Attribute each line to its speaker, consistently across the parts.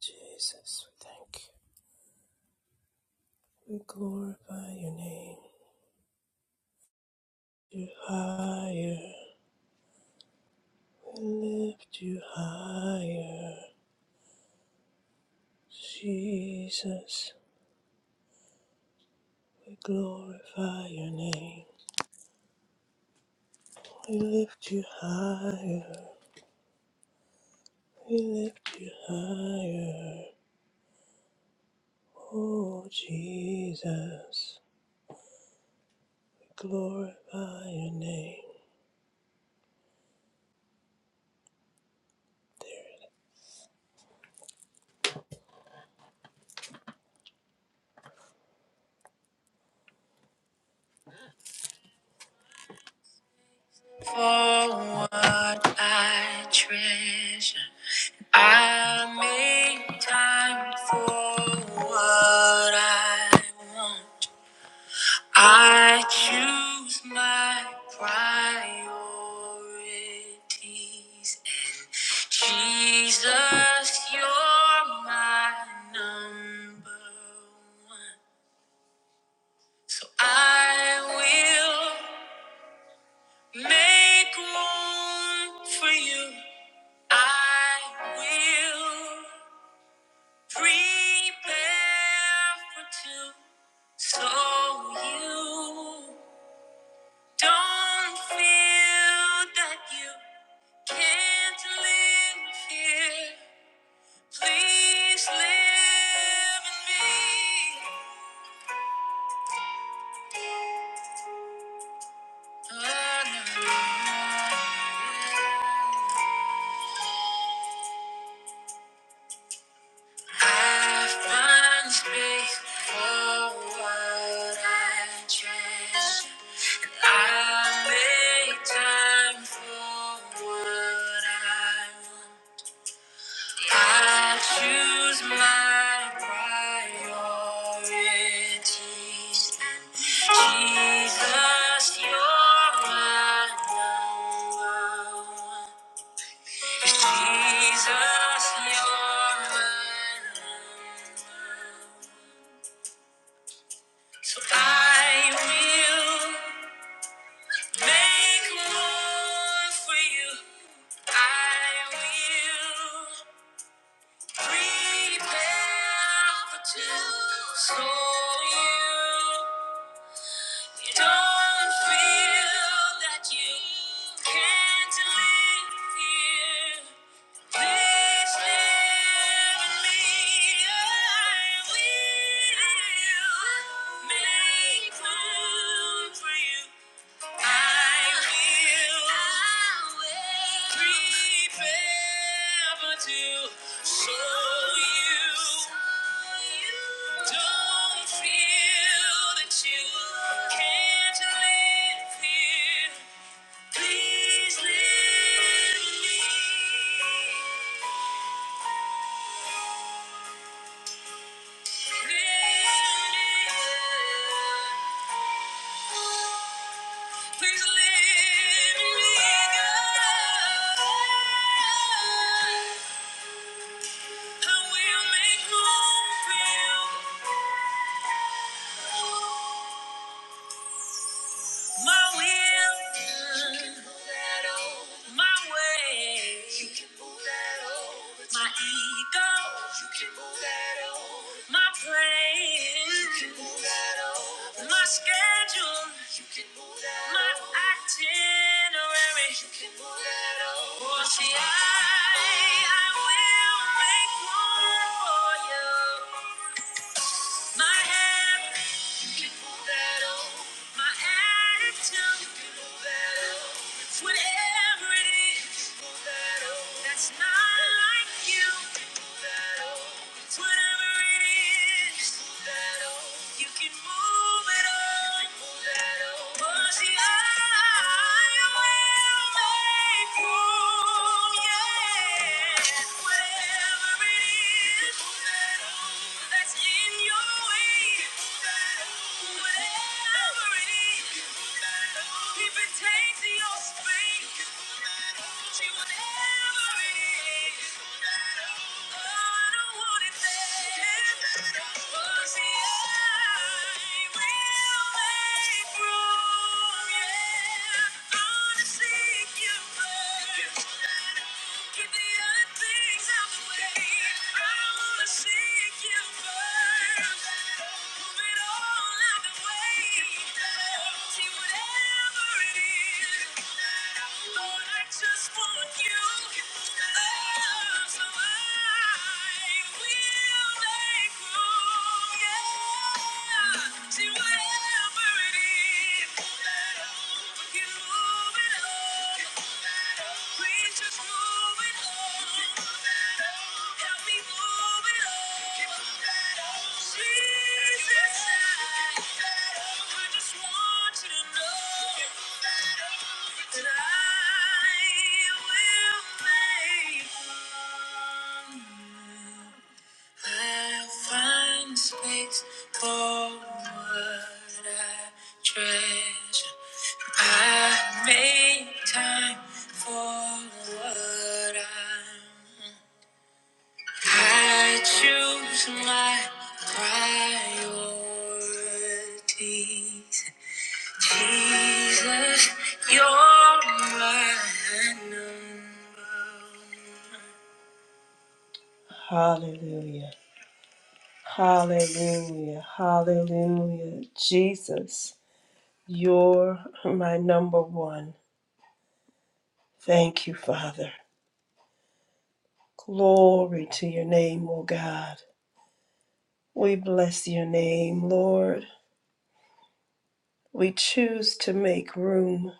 Speaker 1: Jesus, we thank you. We glorify your name. You higher. We lift you higher. Jesus, we glorify your name. We lift you higher. We lift you higher. Oh, Jesus, we glorify your name. For what I treasure. I make time for what I want. I choose my priorities. And Jesus, you're my number one. So I will make room for you. I will. Prepare for two, so you don't feel that you can't live here. Please live in me. I find space for what I treasure. I make time for what I want. I choose my priorities. Jesus, you're my number one. Jesus, you're my number one. So I will. Make room for you. I will prepare for two so you don't feel that you can't live here. Please never leave. I will make room for you. Please live me. I will make room for you. My will, my way, my ego, my plans, my schedule, my itinerary. Oh, see, I, I will make room for you. My hand, you can move that old. My attitude, you can move that old. Whatever it is, you can move that old. That's not like you. You can move that old. Whatever it is, You can move it on. Move that I will make room. Yeah. Whatever it is, That's in your way. Whatever it is, move that old. If it takes your space, move that She will never. Thank you. Just want you. Oh, so I will make room, yeah. See whatever it is that you move it on. Please just move it on. Help me move it on. Jesus, I I just want you to know. I will make room. I find space for what I treasure. I make time for what I want. I choose my priorities. Hallelujah. Hallelujah. Hallelujah. Jesus, you're my number one. Thank you, Father. Glory to your name, O God. We bless your name, Lord. We choose to make room.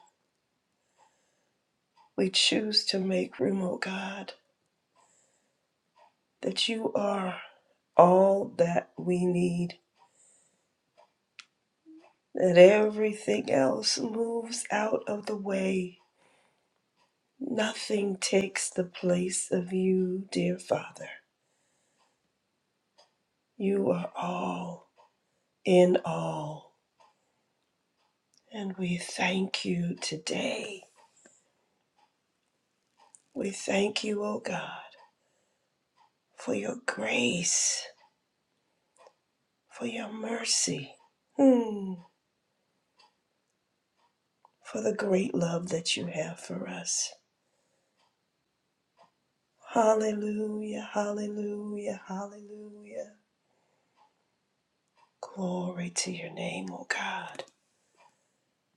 Speaker 1: We choose to make room, O God, that you are all that we need. that everything else moves out of the way. Nothing takes the place of you, dear Father. You are all in all. And we thank you today. We thank you, O God, for your grace, for your mercy, hmm, for the great love that you have for us. Hallelujah, hallelujah, hallelujah. Glory to your name, O God.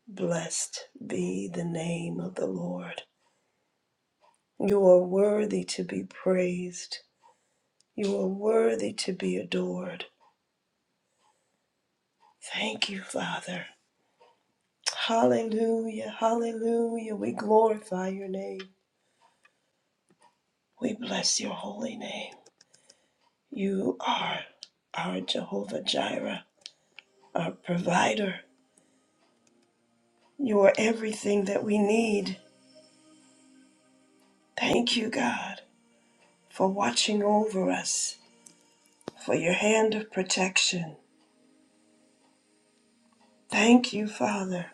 Speaker 1: Blessed be the name of the Lord. You are worthy to be praised. You are worthy to be adored. Thank you, Father. Hallelujah, hallelujah. We glorify your name. We bless your holy name. You are our Jehovah Jireh, our provider. You are everything that we need. Thank you, God, for watching over us, for your hand of protection. Thank you, Father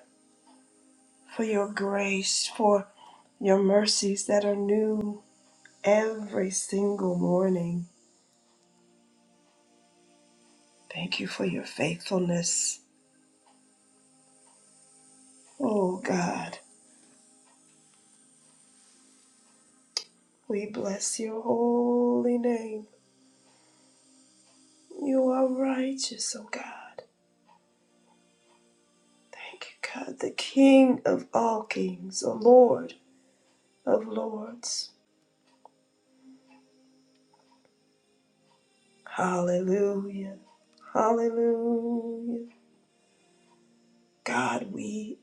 Speaker 1: for your grace, for your mercies that are new every single morning. Thank you for your faithfulness. Oh God, we bless your holy name. You are righteous, oh God. Thank you, God, the King of all kings, the Lord of lords. Hallelujah. Hallelujah. God, we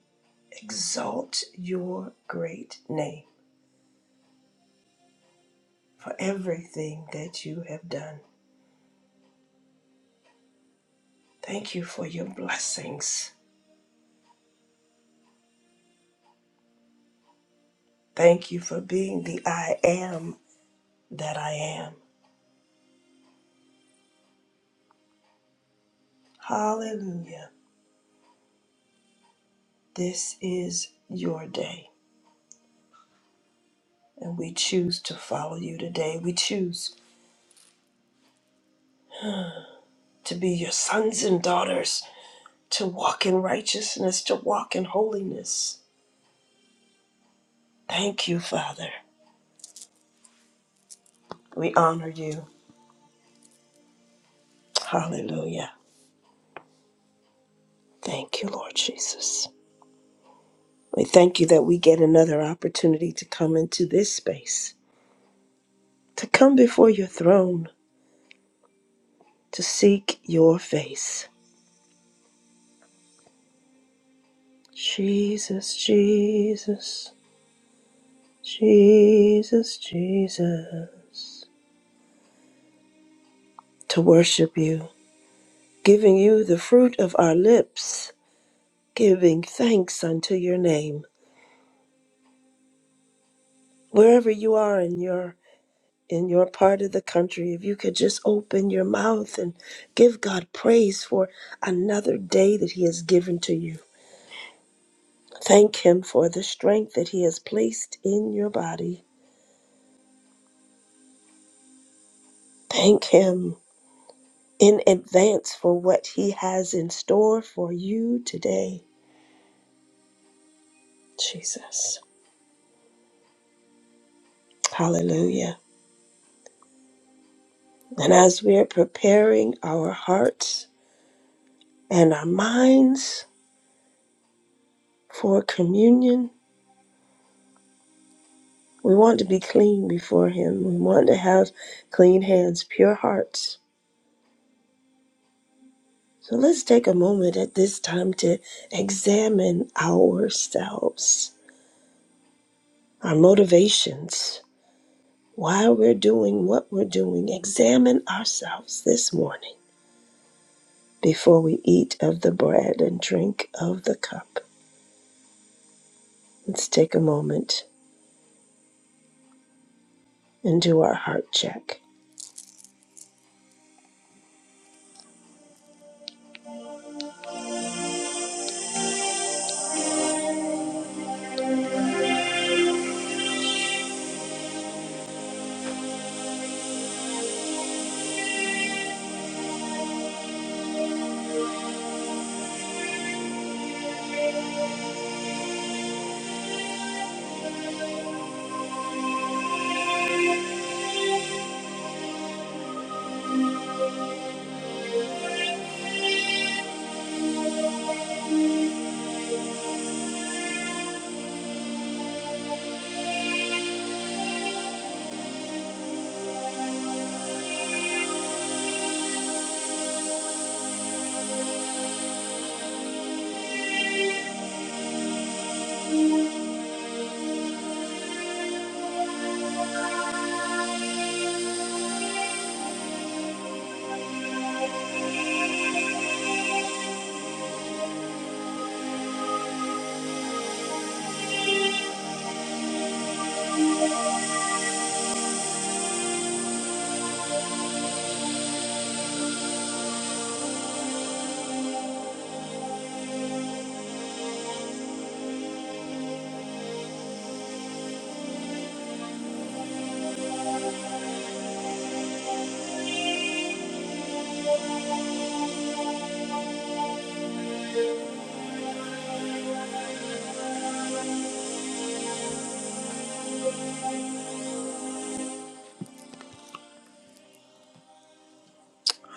Speaker 1: exalt your great name. for everything that you have done. Thank you for your blessings. Thank you for being the I am that I am. Hallelujah. This is your day, and we choose to follow you today. We choose to be your sons and daughters, to walk in righteousness, to walk in holiness. Thank you, Father. We honor you. Hallelujah. Thank you, Lord Jesus. We thank you that we get another opportunity to come into this space to come before your throne to seek your face. Jesus, Jesus, Jesus, Jesus, to worship you, giving you the fruit of our lips, giving thanks unto your name. Wherever you are in your in your part of the country, if you could just open your mouth and give God praise for another day that He has given to you. Thank Him for the strength that He has placed in your body. Thank Him in advance for what He has in store for you today, Jesus. Hallelujah. And as we are preparing our hearts and our minds for communion, we want to be clean before Him. We want to have clean hands, pure hearts. So let's take a moment at this time to examine ourselves, our motivations, Why we're doing what we're doing, examine ourselves this morning before we eat of the bread and drink of the cup. Let's take a moment and do our heart check.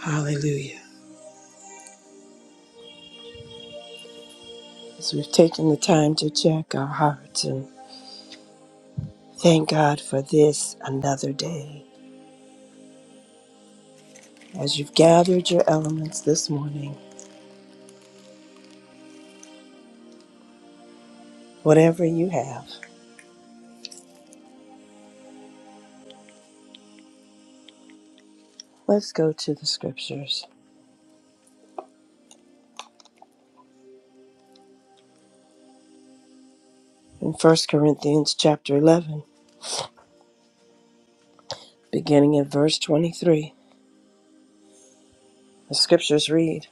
Speaker 1: Hallelujah. As we've taken the time to check our hearts and thank God for this another day. As you've gathered your elements this morning, whatever you have, let's go to the scriptures. In 1 Corinthians chapter 11, beginning at verse 23, the scriptures read,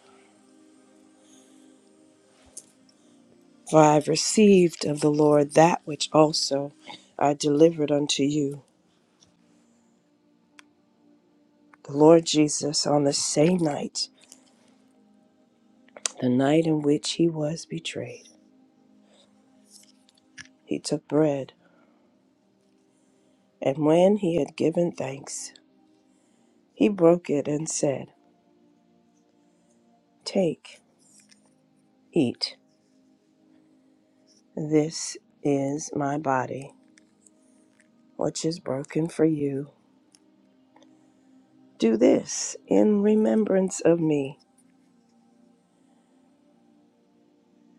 Speaker 1: For I have received of the Lord that which also I delivered unto you The Lord Jesus, on the same night, the night in which he was betrayed, he took bread, and when he had given thanks, he broke it and said, Take, eat, this is my body, which is broken for you. Do this in remembrance of me.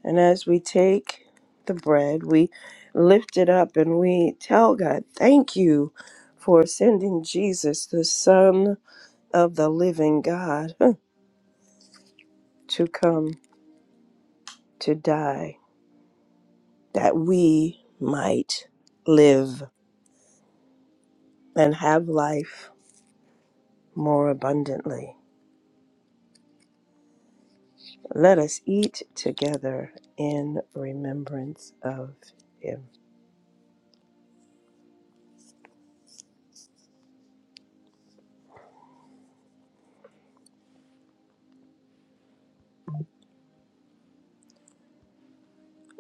Speaker 1: And as we take the bread, we lift it up and we tell God, Thank you for sending Jesus, the Son of the living God. to come to die that we might live and have life more abundantly. Let us eat together in remembrance of him.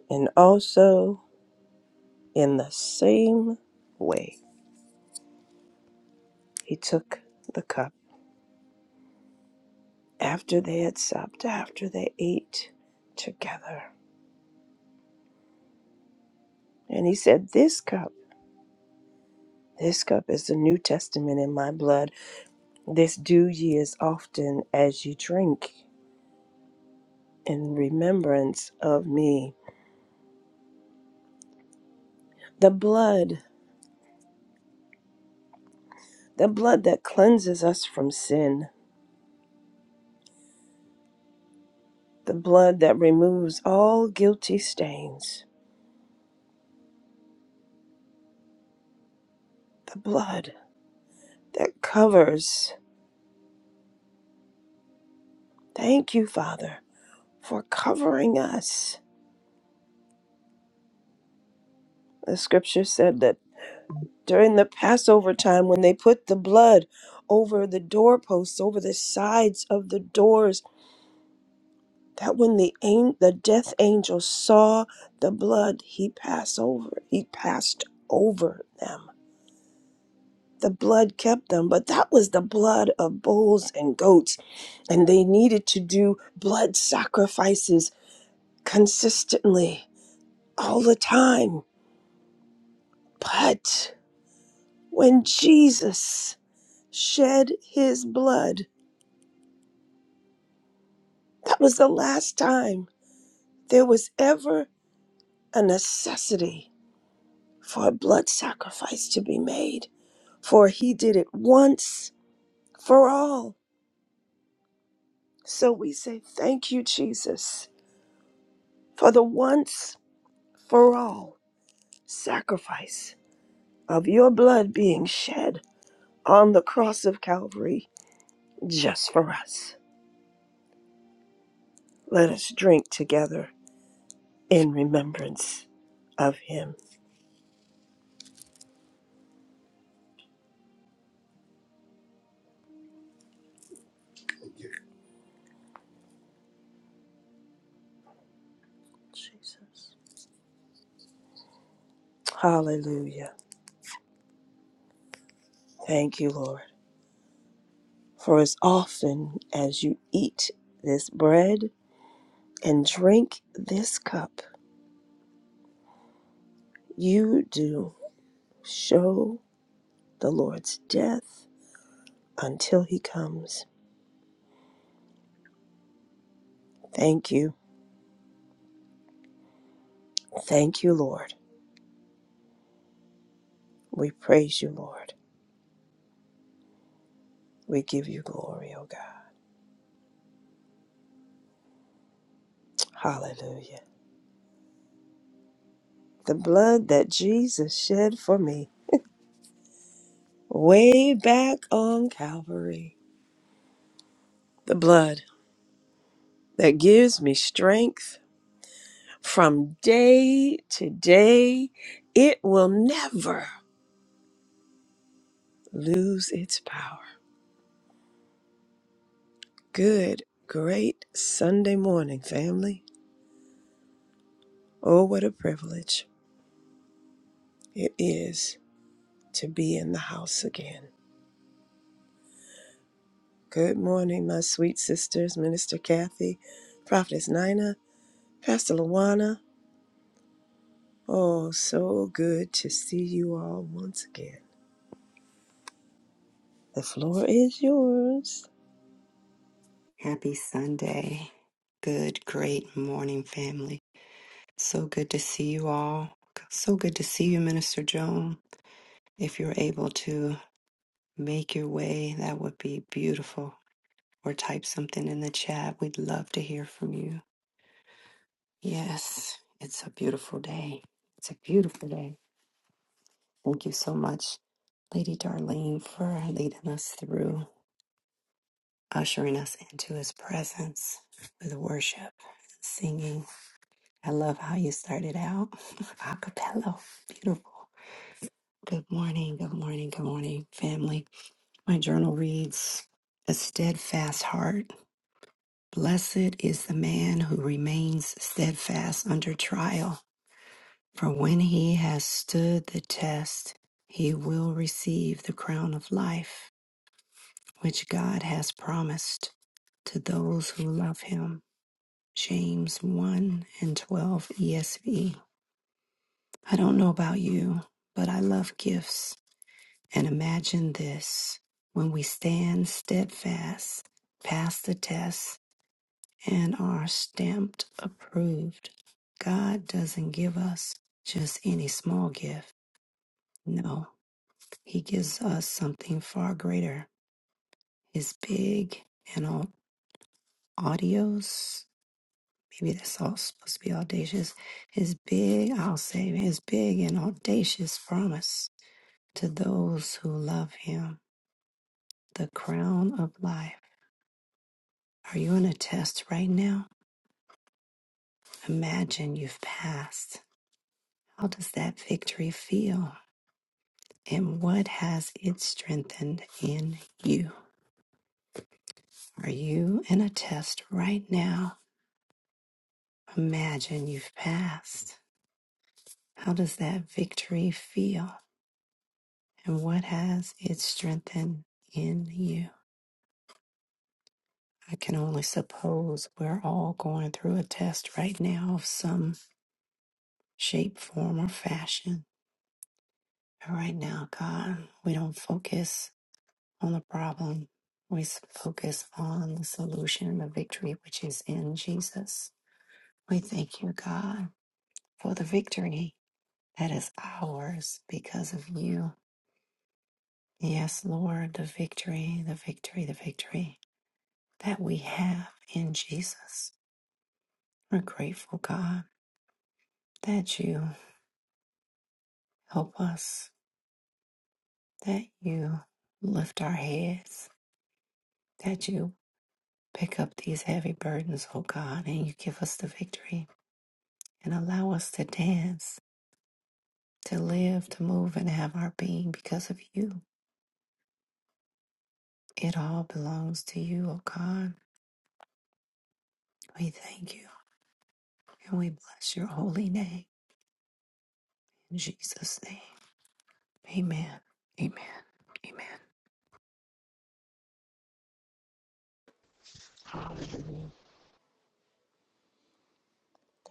Speaker 1: And also, in the same way, he took the cup after they had supped, after they ate together. And he said, This cup, this cup is the New Testament in my blood. This do ye as often as ye drink in remembrance of me. The blood, the blood that cleanses us from sin, the blood that removes all guilty stains, the blood that covers. Thank you, Father, for covering us. The scripture said that during the Passover time, when they put the blood over the doorposts, over the sides of the doors, that when the an- the death angel saw the blood, he passed over. He passed over them. The blood kept them, but that was the blood of bulls and goats, and they needed to do blood sacrifices consistently all the time. But when Jesus shed his blood, that was the last time there was ever a necessity for a blood sacrifice to be made for he did it once for all. So we say, Thank you, Jesus, for the once for all sacrifice of your blood being shed on the cross of Calvary just for us. Let us drink together in remembrance of him. Jesus. Hallelujah. Thank you, Lord. For as often as you eat this bread and drink this cup, you do Show the Lord's death until he comes. Thank you. Thank you, Lord. We praise you, Lord. We give you glory, O God. Hallelujah. The blood that Jesus shed for me way back on Calvary. The blood that gives me strength from day to day. It will never lose its power. Good, great Sunday morning, family. Oh, what a privilege. It is to be in the house again. Good morning, my sweet sisters, Minister Kathy, Prophetess Nina, Pastor Luana. Oh, so good to see you all once again. The floor is yours.
Speaker 2: Happy Sunday. Good, great morning, family. So good to see you all. So good to see you, Minister Joan. If you're able to make your way, that would be beautiful. Or type something in the chat. We'd love to hear from you. Yes, it's a beautiful day. It's a beautiful day. Thank you so much, Lady Darlene, for leading us through, ushering us into his presence with worship, singing. I love how you started out. Acapella. Beautiful. Good morning, good morning, good morning, family. My journal reads A steadfast heart. Blessed is the man who remains steadfast under trial, for when he has stood the test, he will receive the crown of life, which God has promised to those who love him. James 1 and 12 ESV. I don't know about you, but I love gifts. And imagine this when we stand steadfast, pass the test, and are stamped approved. God doesn't give us just any small gift. No, He gives us something far greater. His big and au- audios, maybe that's all supposed to be audacious. His big, I'll say, his big and audacious promise to those who love Him. the crown of life. Are you in a test right now? Imagine you've passed. How does that victory feel? And what has it strengthened in you? Are you in a test right now? Imagine you've passed. How does that victory feel? And what has it strengthened in you? I can only suppose we're all going through a test right now of some shape, form, or fashion And right now, God, we don't focus on the problem. We focus on the solution and the victory which is in Jesus. We thank you, God, for the victory that is ours because of you. Yes, Lord, the victory, the victory, the victory that we have in Jesus. We're grateful, God, that you help us, that you lift our heads, that you Pick up these heavy burdens, O God, and you give us the victory and allow us to dance, to live, to move, and have our being because of you. It all belongs to you, O God. We thank you and we bless your holy name. In Jesus' name, amen. Amen. Amen.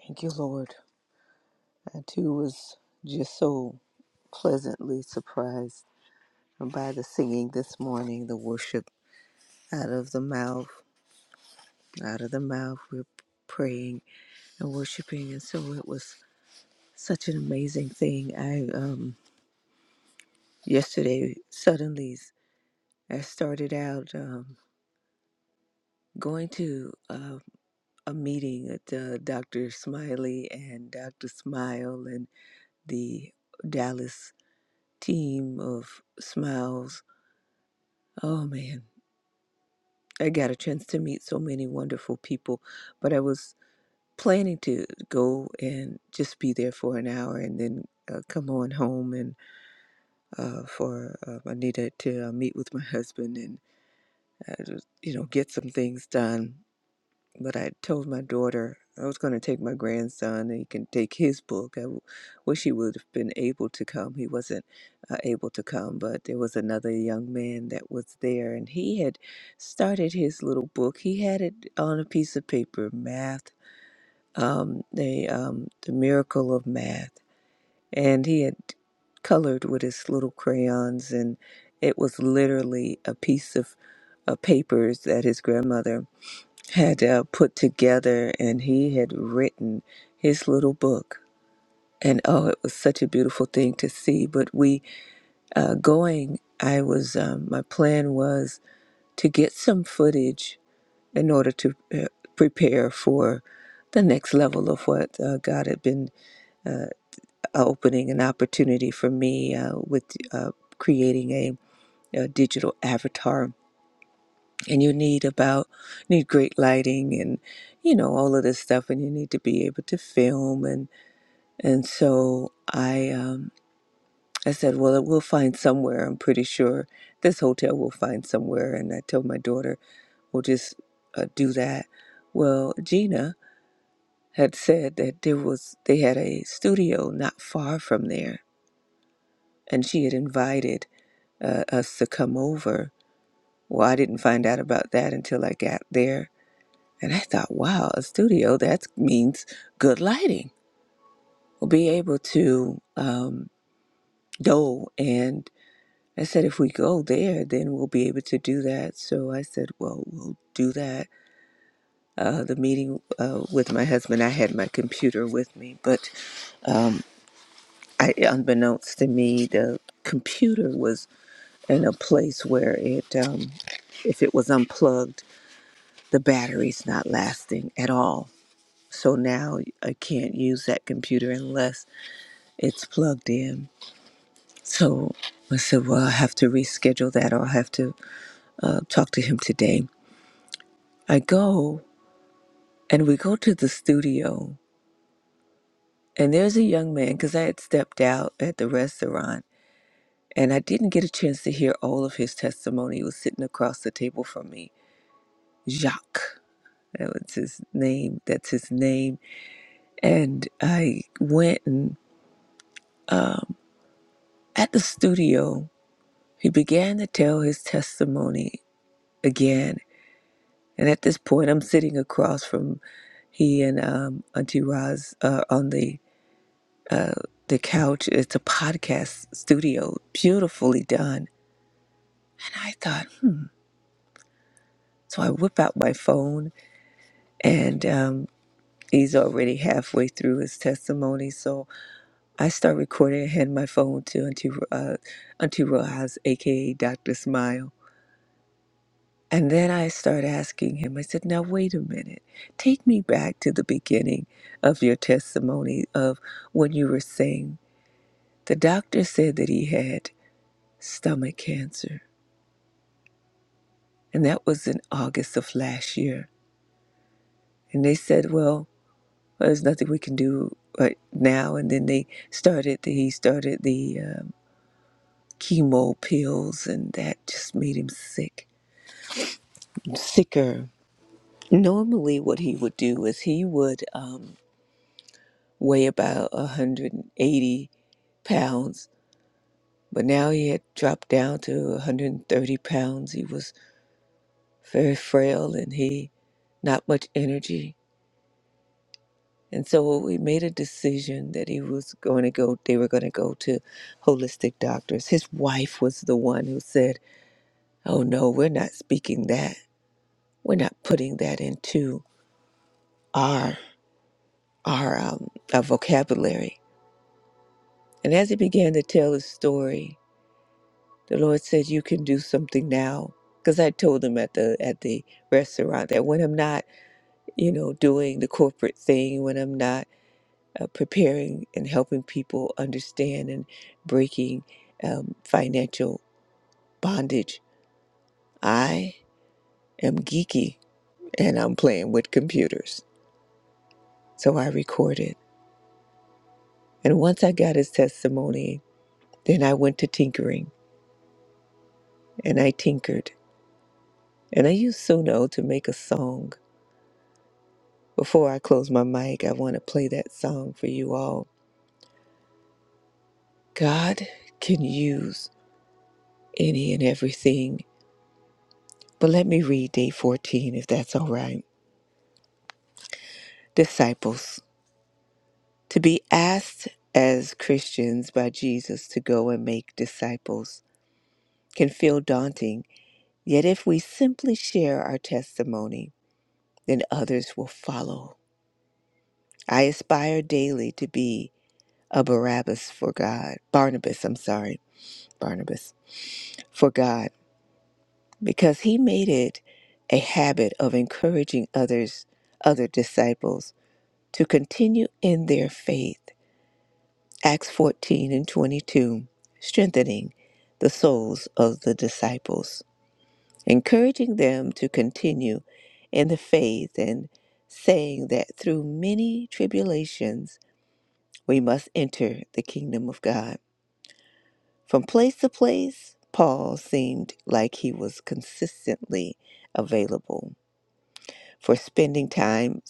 Speaker 3: Thank you, Lord. I too was just so pleasantly surprised by the singing this morning, the worship out of the mouth, out of the mouth. We're praying and worshiping, and so it was such an amazing thing. I um yesterday suddenly I started out um, going to uh, a meeting at uh, Dr. Smiley and Dr. Smile and the Dallas team of Smiles Oh man, I got a chance to meet so many wonderful people, but I was planning to go and just be there for an hour and then uh, come on home and uh, for uh, I needed to uh, meet with my husband and uh, just, you know get some things done but I told my daughter I was going to take my grandson and he can take his book. I w- wish he would have been able to come. He wasn't uh, able to come, but there was another young man that was there and he had started his little book. He had it on a piece of paper, math, um, the, um, the miracle of math. And he had colored with his little crayons and it was literally a piece of uh, papers that his grandmother had uh, put together and he had written his little book. And oh, it was such a beautiful thing to see. But we uh, going, I was, um, my plan was to get some footage in order to uh, prepare for the next level of what uh, God had been uh, opening an opportunity for me uh, with uh, creating a, a digital avatar and you need about need great lighting and you know all of this stuff and you need to be able to film and and so i um i said well we'll find somewhere i'm pretty sure this hotel will find somewhere and i told my daughter we'll just uh, do that well gina had said that there was they had a studio not far from there and she had invited uh, us to come over well i didn't find out about that until i got there And I thought, wow, a studio, that means good lighting. We'll be able to um, dole. And I said, if we go there, then we'll be able to do that. So I said, well, we'll do that. Uh, the meeting uh, with my husband, I had my computer with me, but I, unbeknownst to me, the computer was in a place where it, um, if it was unplugged, the battery's not lasting at all. So now I can't use that computer unless it's plugged in. So I said, well, i have to reschedule that or I'll have to uh, talk to him today. I go and we go to the studio, and there's a young man because I had stepped out at the restaurant and I didn't get a chance to hear all of his testimony. He was sitting across the table from me, Jacques. That was his name. That's his name. And I went and uh, at the studio, he began to tell his testimony again And at this point, I'm sitting across from he and um, Auntie Roz uh, on the uh, the couch. It's a podcast studio, beautifully done. And I thought, hmm. so I whip out my phone, and um, he's already halfway through his testimony. So I start recording and hand my phone to Auntie uh, Auntie Roz, aka Doctor Smile And then I start asking him, I said, now wait a minute. Take me back to the beginning of your testimony of when you were saying the doctor said that he had stomach cancer. And that was in August of last year. And they said, well, there's nothing we can do right now. And then they started, the, he started the um, chemo pills, and that just made him sick, sicker. Normally, what he would do is he would. Um, weigh about 180 pounds, but now he had dropped down to 130 pounds. He was very frail and he not much energy. And so we made a decision that he was going to go, they were going to go to holistic doctors. His wife was the one who said, Oh no, we're not speaking that. We're not putting that into our, our, um, our vocabulary. And as he began to tell his story, The Lord said, "You can do something now." Because I told him at the at the restaurant that when I'm not, you know, doing the corporate thing, when I'm not uh, preparing and helping people understand and breaking um, financial bondage, I am geeky and I'm playing with computers. So I recorded, and once I got his testimony, then I went to tinkering and I tinkered and I used Suno to make a song Before I close my mic, I want to play that song for you all. God can use any and everything, but let me read day 14 if that's all right. Disciples. To be asked as Christians by Jesus to go and make disciples can feel daunting, yet, if we simply share our testimony, then others will follow. I aspire daily to be a Barabbas for God, Barnabas, I'm sorry, Barnabas, for God because he made it a habit of encouraging others, other disciples, to continue in their faith. Acts 14 and 22, strengthening the souls of the disciples, encouraging them to continue in the faith, and saying that through many tribulations we must enter the kingdom of God. From place to place, Paul seemed like he was consistently available for spending time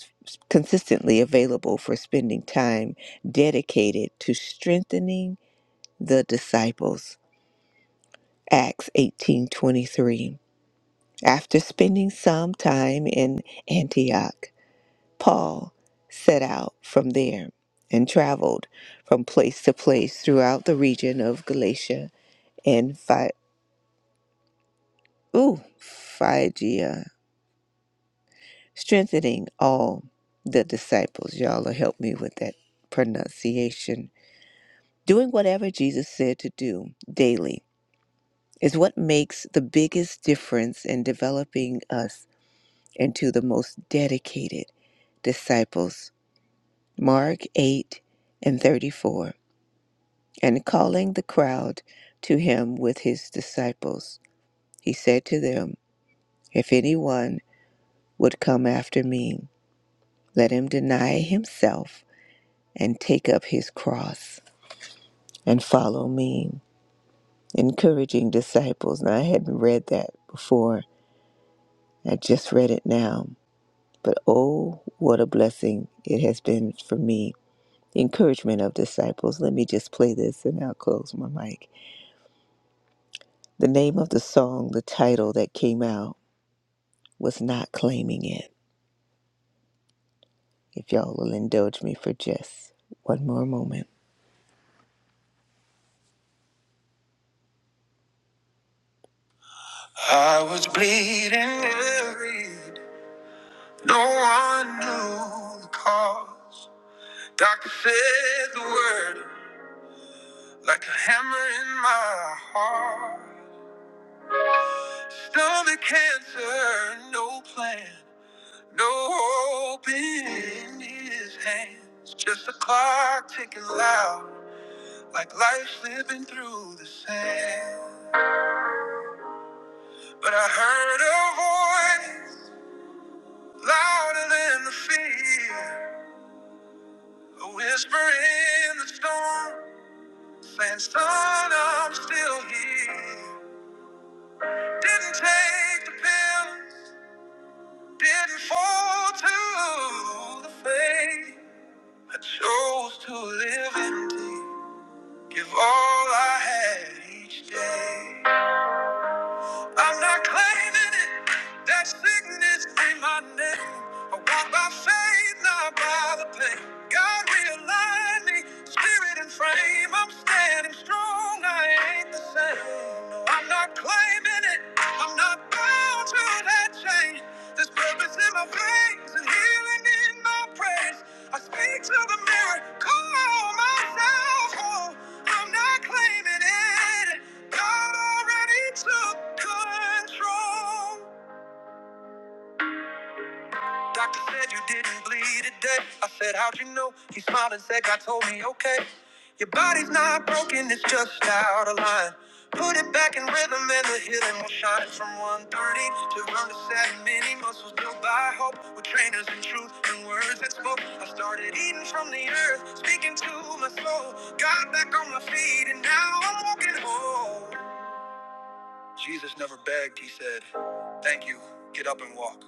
Speaker 3: consistently available for spending time dedicated to strengthening the disciples acts 18:23 after spending some time in antioch paul set out from there and traveled from place to place throughout the region of galatia and Phy- ooh, phrygia strengthening all the disciples y'all will help me with that pronunciation Doing whatever Jesus said to do daily is what makes the biggest difference in developing us into the most dedicated disciples. Mark 8 and 34. And calling the crowd to him with his disciples, he said to them, If anyone would come after me, let him deny himself and take up his cross and follow me. Encouraging disciples. Now, I hadn't read that before I just read it now. But oh, what a blessing it has been for me. Encouragement of disciples. Let me just play this and I'll close my mic. The name of the song, the title that came out was Not Claiming It. If y'all will indulge me for just one more moment. I was bleeding every no one knew the cause. Doctor said the word like a hammer in my heart. Stomach cancer, no plan, no hope in his hands. Just a clock ticking loud, like life slipping through the sand. But I heard a voice louder than the fear, a whisper in the storm, saying, "Son, I'm still here." Didn't take the pills, didn't fall to the face. I chose to live in day, give all I had each day. I'm not claiming it, that sickness ain't my name. I walk by faith, not by the pain. God realigned me, spirit and frame. I'm standing strong, I ain't the same. No, I'm not claiming it, I'm not my bones, will I bow to that chain. There's purpose in my veins and healing in my praise. I speak to the mirror, call myself whole. I'm not claiming it. God already took control. Doctor said you didn't bleed today. I said, How'd you know? He smiled and said, God told me, okay. Your body's not broken, it's just out of line. Put it back in rhythm and the healing will shine from 130 to around the 7. Many muscles built by hope with trainers and truth and words that spoke. I started eating from the earth, speaking to my soul. Got back on my feet and now I'm walking whole. Jesus never begged, he said, Thank you, get up and walk.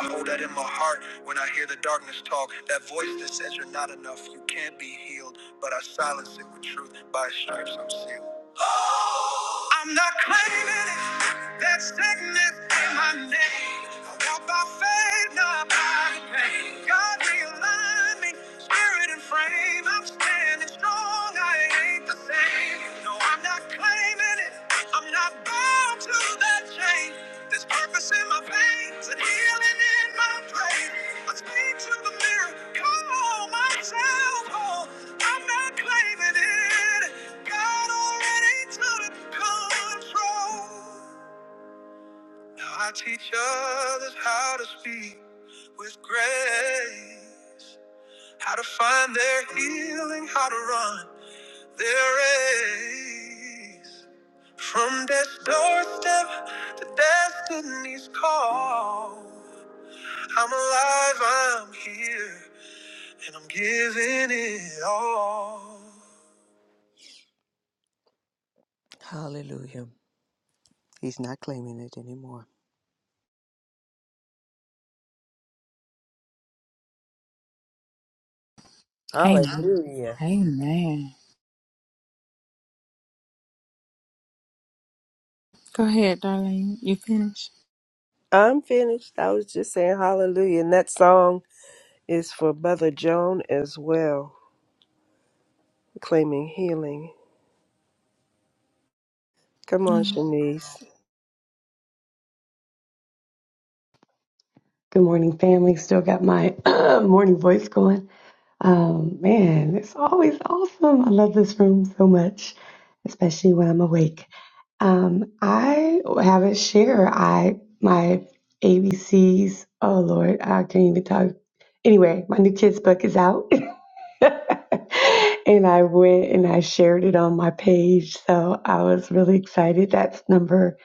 Speaker 3: I hold that in my heart when I hear the darkness talk. That voice that says you're not enough, you can't be healed. But I silence it with truth. By stripes, I'm sealed. I'm not claiming it. That sickness in my name. I walk by faith, not by pain. God realign me, spirit and frame. I'm standing strong. I ain't the same. No, I'm not claiming it. I'm not bound to that chain. There's purpose in my veins and healing in my brain. I speak to the mirror, call myself whole. I'm not claiming it. I teach others how to speak with grace, how to find their healing, how to run their race. From death's doorstep to destiny's call, I'm alive, I'm here, and I'm giving it all. Hallelujah. He's not claiming it anymore.
Speaker 4: Amen.
Speaker 1: Hallelujah.
Speaker 4: Amen. Go ahead, Darlene. You finish?
Speaker 1: I'm finished. I was just saying hallelujah. And that song is for Mother Joan as well, claiming healing. Come on,
Speaker 4: Mm.
Speaker 1: Shanice.
Speaker 5: Good morning, family. Still got my morning voice going. Um, man, it's always awesome. I love this room so much, especially when I'm awake. Um, I have a share. I my ABCs. Oh Lord, I can't even talk. Anyway, my new kids book is out. and I went and I shared it on my page. So I was really excited. That's number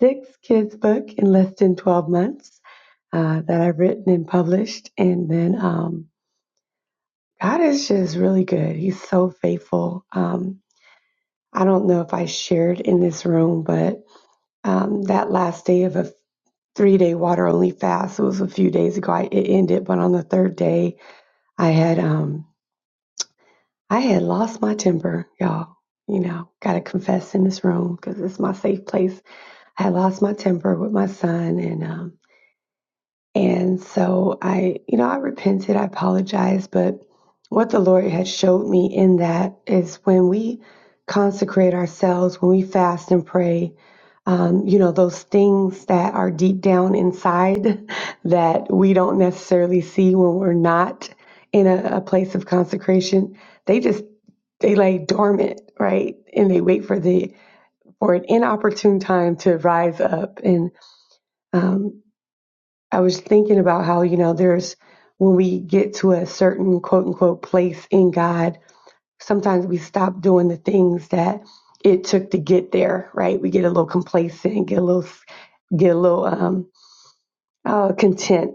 Speaker 5: six kids' book in less than 12 months uh, that I've written and published. And then um, God is just really good. He's so faithful. Um, I don't know if I shared in this room, but um, that last day of a three day water only fast, it was a few days ago, I, it ended. But on the third day, I had. Um, I had lost my temper, y'all. You know, got to confess in this room because it's my safe place. I had lost my temper with my son, and um, and so I, you know, I repented, I apologized, but what the Lord had showed me in that is when we consecrate ourselves, when we fast and pray, um, you know, those things that are deep down inside that we don't necessarily see when we're not in a, a place of consecration, they just they lay dormant, right? And they wait for the for an inopportune time to rise up. And um, I was thinking about how, you know, there's when we get to a certain quote unquote place in God, sometimes we stop doing the things that it took to get there, right? We get a little complacent, get a little, get a little um, uh, content,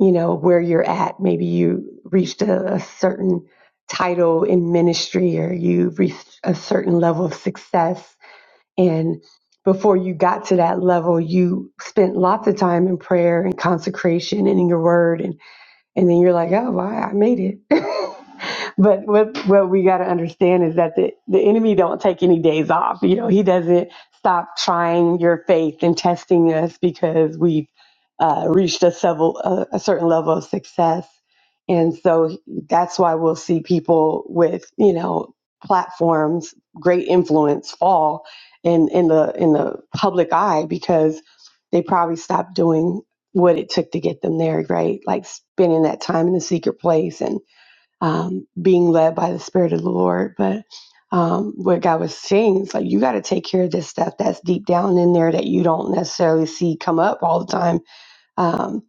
Speaker 5: you know, where you're at. Maybe you reached a, a certain title in ministry or you reached a certain level of success and before you got to that level, you spent lots of time in prayer and consecration and in your word. And, and then you're like, oh, well, I I made it but what what we got to understand is that the the enemy don't take any days off. You know, he doesn't stop trying your faith and testing us because we've uh, reached a several a, a certain level of success, and so that's why we'll see people with you know platforms, great influence fall in in the in the public eye because they probably stopped doing what it took to get them there, right? Like spending that time in the secret place and um, being led by the Spirit of the Lord. But um, what God was saying is like, you got to take care of this stuff that's deep down in there that you don't necessarily see come up all the time um,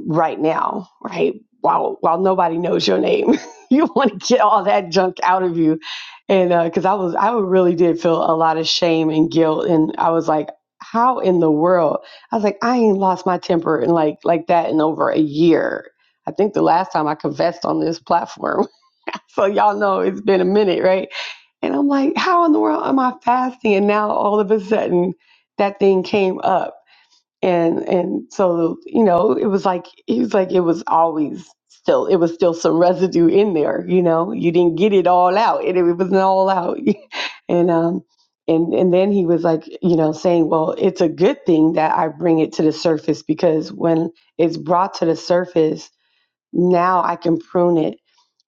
Speaker 5: right now, right? While while nobody knows your name, you want to get all that junk out of you, and because uh, I was I really did feel a lot of shame and guilt, and I was like. How in the world? I was like, I ain't lost my temper and like like that in over a year. I think the last time I confessed on this platform so y'all know it's been a minute, right? And I'm like, how in the world am I fasting? And now all of a sudden that thing came up. And and so, you know, it was like it was like it was always still it was still some residue in there, you know. You didn't get it all out. It, it wasn't all out. and um and and then he was like, you know, saying, Well, it's a good thing that I bring it to the surface because when it's brought to the surface, now I can prune it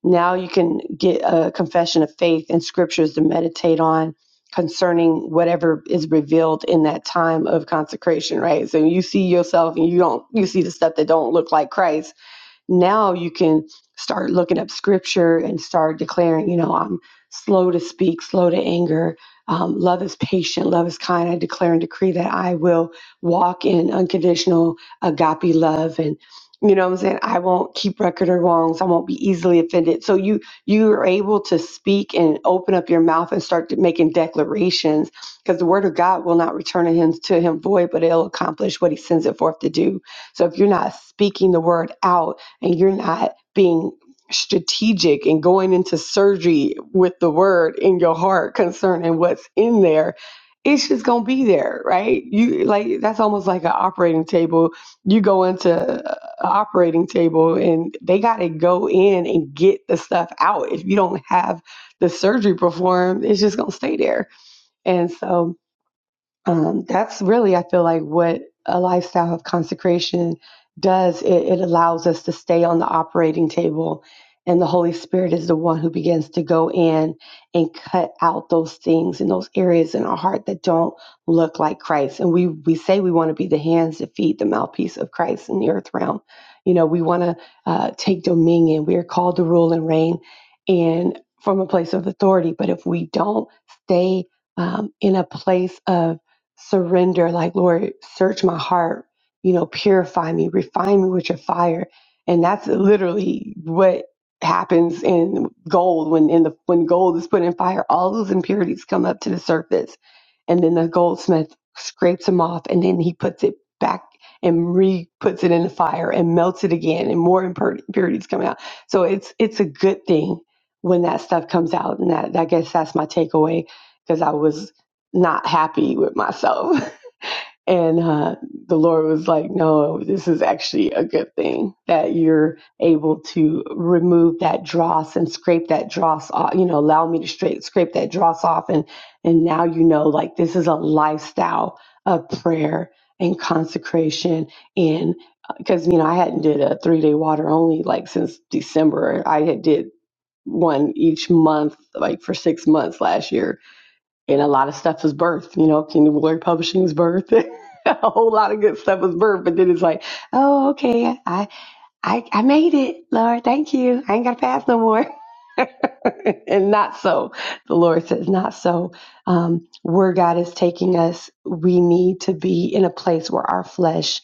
Speaker 5: now you can get a confession of faith and scriptures to meditate on concerning whatever is revealed in that time of consecration, right? So you see yourself and you don't you see the stuff that don't look like Christ now you can start looking up scripture and start declaring, you know, I'm slow to speak, slow to anger. Um, love is patient, love is kind. I declare and decree that I will walk in unconditional agape love and you know what I'm saying? I won't keep record of wrongs. I won't be easily offended. So you you are able to speak and open up your mouth and start to- making declarations because the word of God will not return to him to him void, but it'll accomplish what he sends it forth to do. So if you're not speaking the word out, and you're not being strategic and going into surgery with the word in your heart concerning what's in there it's just gonna be there right you like that's almost like an operating table you go into an operating table and they gotta go in and get the stuff out if you don't have the surgery performed it's just gonna stay there and so um, that's really i feel like what a lifestyle of consecration does it, it allows us to stay on the operating table and the holy spirit is the one who begins to go in and cut out those things and those areas in our heart that don't look like christ and we we say we want to be the hands that feed the mouthpiece of christ in the earth realm you know we want to uh, take dominion we are called to rule and reign and from a place of authority but if we don't stay um, in a place of surrender, like, Lord, search my heart, you know, purify me, refine me with your fire. And that's literally what happens in gold when in the when gold is put in fire, all those impurities come up to the surface. And then the goldsmith scrapes them off and then he puts it back and re puts it in the fire and melts it again and more impur- impurities come out. So it's it's a good thing when that stuff comes out. And that I guess that's my takeaway because I was not happy with myself. And uh, the Lord was like, no, this is actually a good thing that you're able to remove that dross and scrape that dross off, you know, allow me to straight, scrape that dross off. And, and now you know, like, this is a lifestyle of prayer and consecration and because you know i hadn't did a three day water only like since december i had did one each month like for six months last year and a lot of stuff was birth. You know, Kingdom Glory Publishing was birth. a whole lot of good stuff was birth. But then it's like, oh, okay, I, I, I made it, Lord. Thank you. I ain't got to pass no more. and not so. The Lord says, not so. Um, where God is taking us, we need to be in a place where our flesh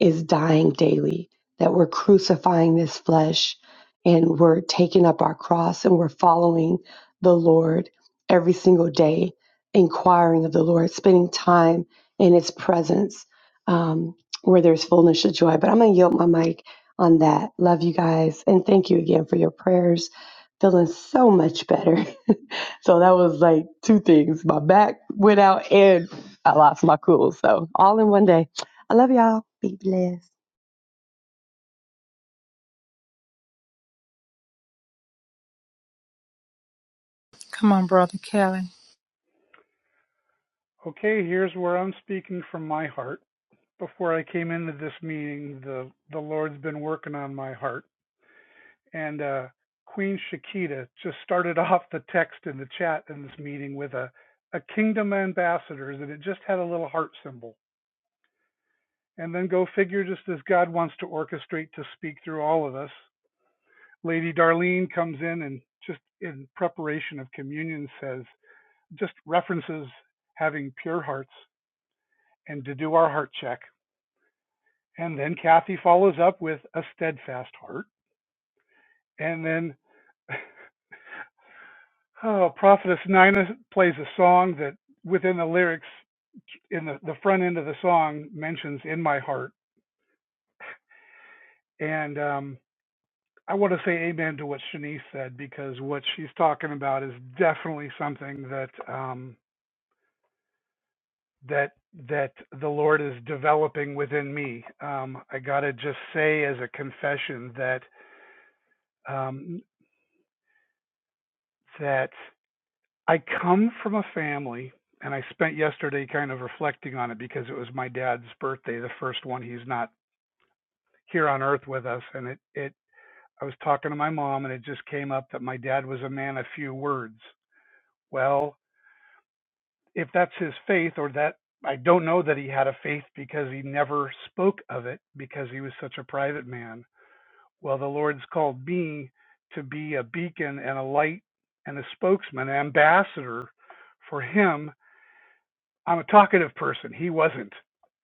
Speaker 5: is dying daily, that we're crucifying this flesh and we're taking up our cross and we're following the Lord every single day, inquiring of the Lord, spending time in His presence um, where there's fullness of joy. But I'm going to yield my mic on that. Love you guys. And thank you again for your prayers. Feeling so much better. So that was like two things. My back went out and I lost my cool. So all in one day. I love y'all. Be blessed.
Speaker 4: Come on, Brother Kelly.
Speaker 6: Okay, here's where I'm speaking from my heart. Before I came into this meeting, the the Lord's been working on my heart. And uh Queen Shakita just started off the text in the chat in this meeting with a a kingdom ambassadors and it just had a little heart symbol. And then go figure just as God wants to orchestrate to speak through all of us. Lady Darlene comes in and just in preparation of communion says just references having pure hearts and to do our heart check And then Kathy follows up with A Steadfast Heart. And then oh, Prophetess Nina plays a song that within the lyrics, in the, the front end of the song, mentions In My Heart. And um, I want to say amen to what Shanice said because what she's talking about is definitely something that um, that that the Lord is developing within me. Um, I gotta just say as a confession that um, that I come from a family, and I spent yesterday kind of reflecting on it because it was my dad's birthday, the first one. He's not here on earth with us, and it it I was talking to my mom, and it just came up that my dad was a man of few words. Well, if that's his faith, or that I don't know that he had a faith because he never spoke of it because he was such a private man. Well, the Lord's called me to be a beacon and a light and a spokesman, an ambassador for him I'm a talkative person. He wasn't.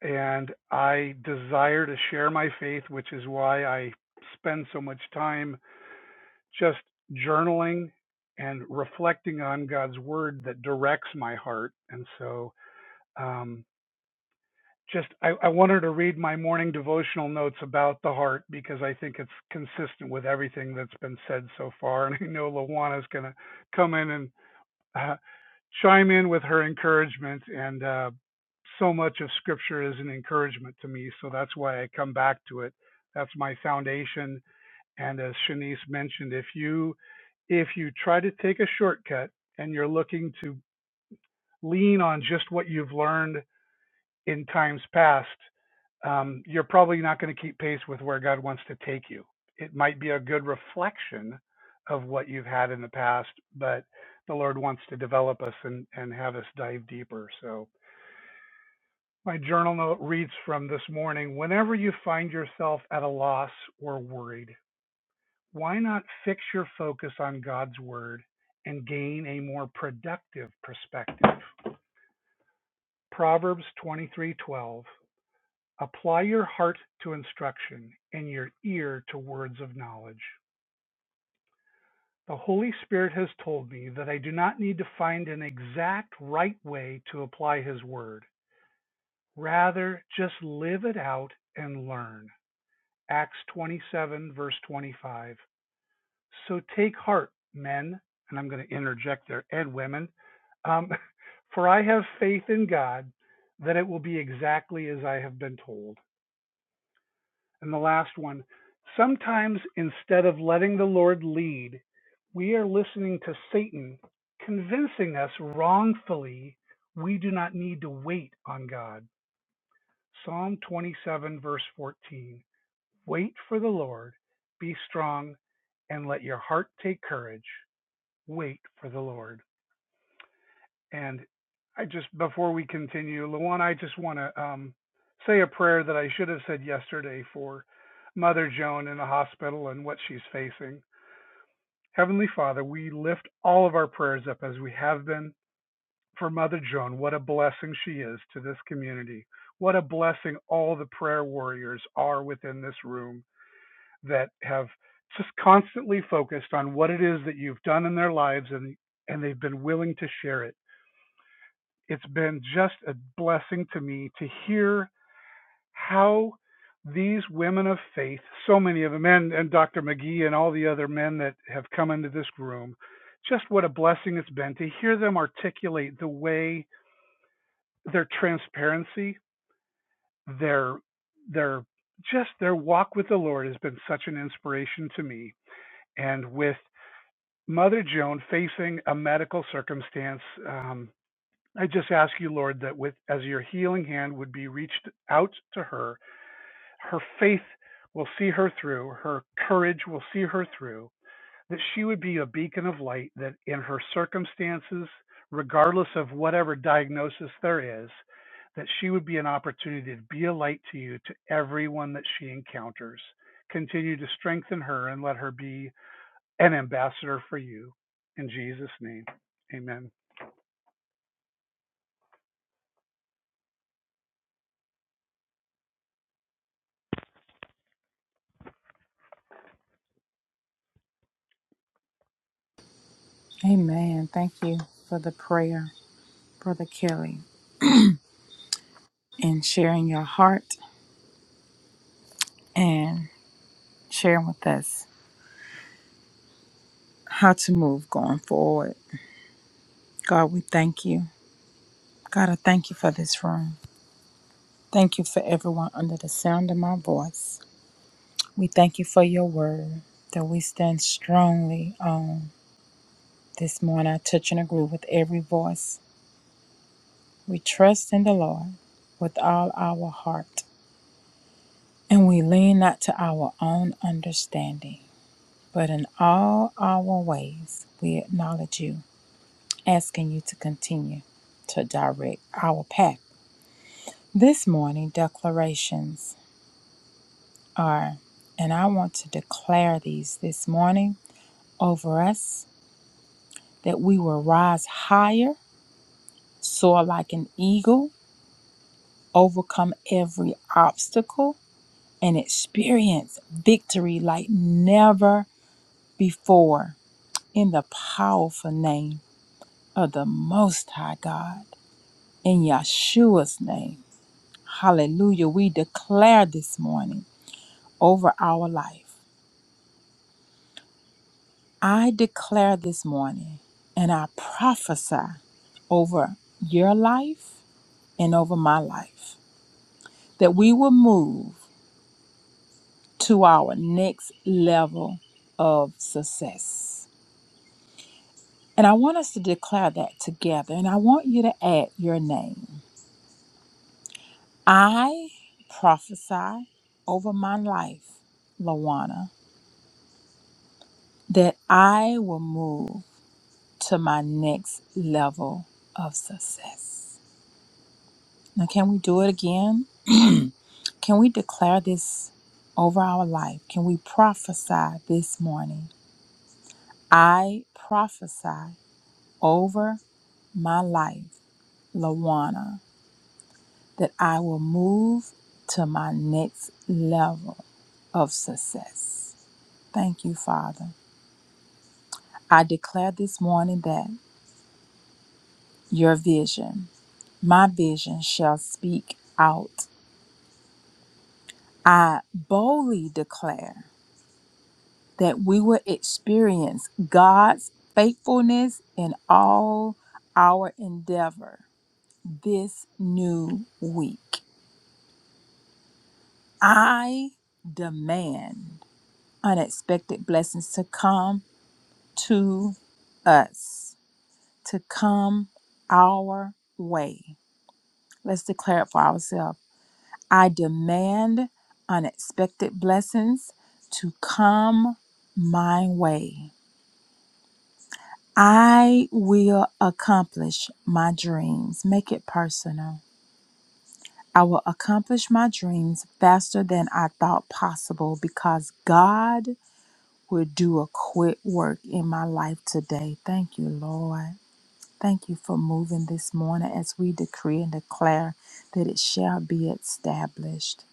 Speaker 6: And I desire to share my faith, which is why I spend so much time just journaling and reflecting on God's word that directs my heart. And so, um, just I, I wanted to read my morning devotional notes about the heart because I think it's consistent with everything that's been said so far. And I know Lawana's going to come in and uh, chime in with her encouragement. And uh, so much of Scripture is an encouragement to me, so that's why I come back to it. That's my foundation. And as Shanice mentioned, if you if you try to take a shortcut and you're looking to lean on just what you've learned in times past, um, you're probably not going to keep pace with where God wants to take you. It might be a good reflection of what you've had in the past, but the Lord wants to develop us and, and have us dive deeper. So, my journal note reads from this morning Whenever you find yourself at a loss or worried, why not fix your focus on God's word and gain a more productive perspective? Proverbs 23:12 Apply your heart to instruction, and your ear to words of knowledge. The Holy Spirit has told me that I do not need to find an exact right way to apply His Word. Rather, just live it out and learn. Acts 27, verse 25. So take heart, men, and I'm going to interject there, and women, um, for I have faith in God that it will be exactly as I have been told. And the last one sometimes instead of letting the Lord lead, we are listening to Satan convincing us wrongfully we do not need to wait on God. Psalm 27, verse 14. Wait for the Lord, be strong, and let your heart take courage. Wait for the Lord. And I just, before we continue, Luana, I just want to um, say a prayer that I should have said yesterday for Mother Joan in the hospital and what she's facing. Heavenly Father, we lift all of our prayers up as we have been for Mother Joan. What a blessing she is to this community. What a blessing all the prayer warriors are within this room that have just constantly focused on what it is that you've done in their lives and and they've been willing to share it it's been just a blessing to me to hear how these women of faith, so many of them, and, and Dr. McGee and all the other men that have come into this room, just what a blessing it's been to hear them articulate the way their transparency, their their just their walk with the Lord has been such an inspiration to me. And with Mother Joan facing a medical circumstance, um, I just ask you, Lord, that with as your healing hand would be reached out to her, her faith will see her through, her courage will see her through, that she would be a beacon of light that in her circumstances, regardless of whatever diagnosis there is, that she would be an opportunity to be a light to you to everyone that she encounters. Continue to strengthen her and let her be an ambassador for you. In Jesus' name, amen.
Speaker 4: Amen. Thank you for the prayer, Brother Kelly, and sharing your heart and sharing with us how to move going forward. God, we thank you. God, I thank you for this room. Thank you for everyone under the sound of my voice. We thank you for your word that we stand strongly on. This morning, I touch and agree with every voice We trust in the Lord with all our heart, and we lean not to our own understanding, but in all our ways we acknowledge you, asking you to continue to direct our path. This morning, declarations are, and I want to declare these this morning over us that we will rise higher, soar like an eagle, overcome every obstacle and experience victory like never before in the powerful name of the Most High God. In Yeshua's name, hallelujah, we declare this morning over our life. I declare this morning and I prophesy over your life and over my life that we will move to our next level of success And I want us to declare that together. And I want you to add your name. I prophesy over my life, Lawana, that I will move to my next level of success. Now, can we do it again? Can we declare this over our life? Can we prophesy this morning? I prophesy over my life, Lawana, that I will move to my next level of success. Thank you, Father. I declare this morning that your vision, my vision, shall speak out. I boldly declare that we will experience God's faithfulness in all our endeavor this new week. I demand unexpected blessings to come to us to come our way. Let's declare it for ourselves. I demand unexpected blessings to come my way. I will accomplish my dreams. Make it personal. I will accomplish my dreams faster than I thought possible because God will do a quick work in my life today. Thank you, Lord. Thank you for moving this morning as we decree and declare that it shall be established.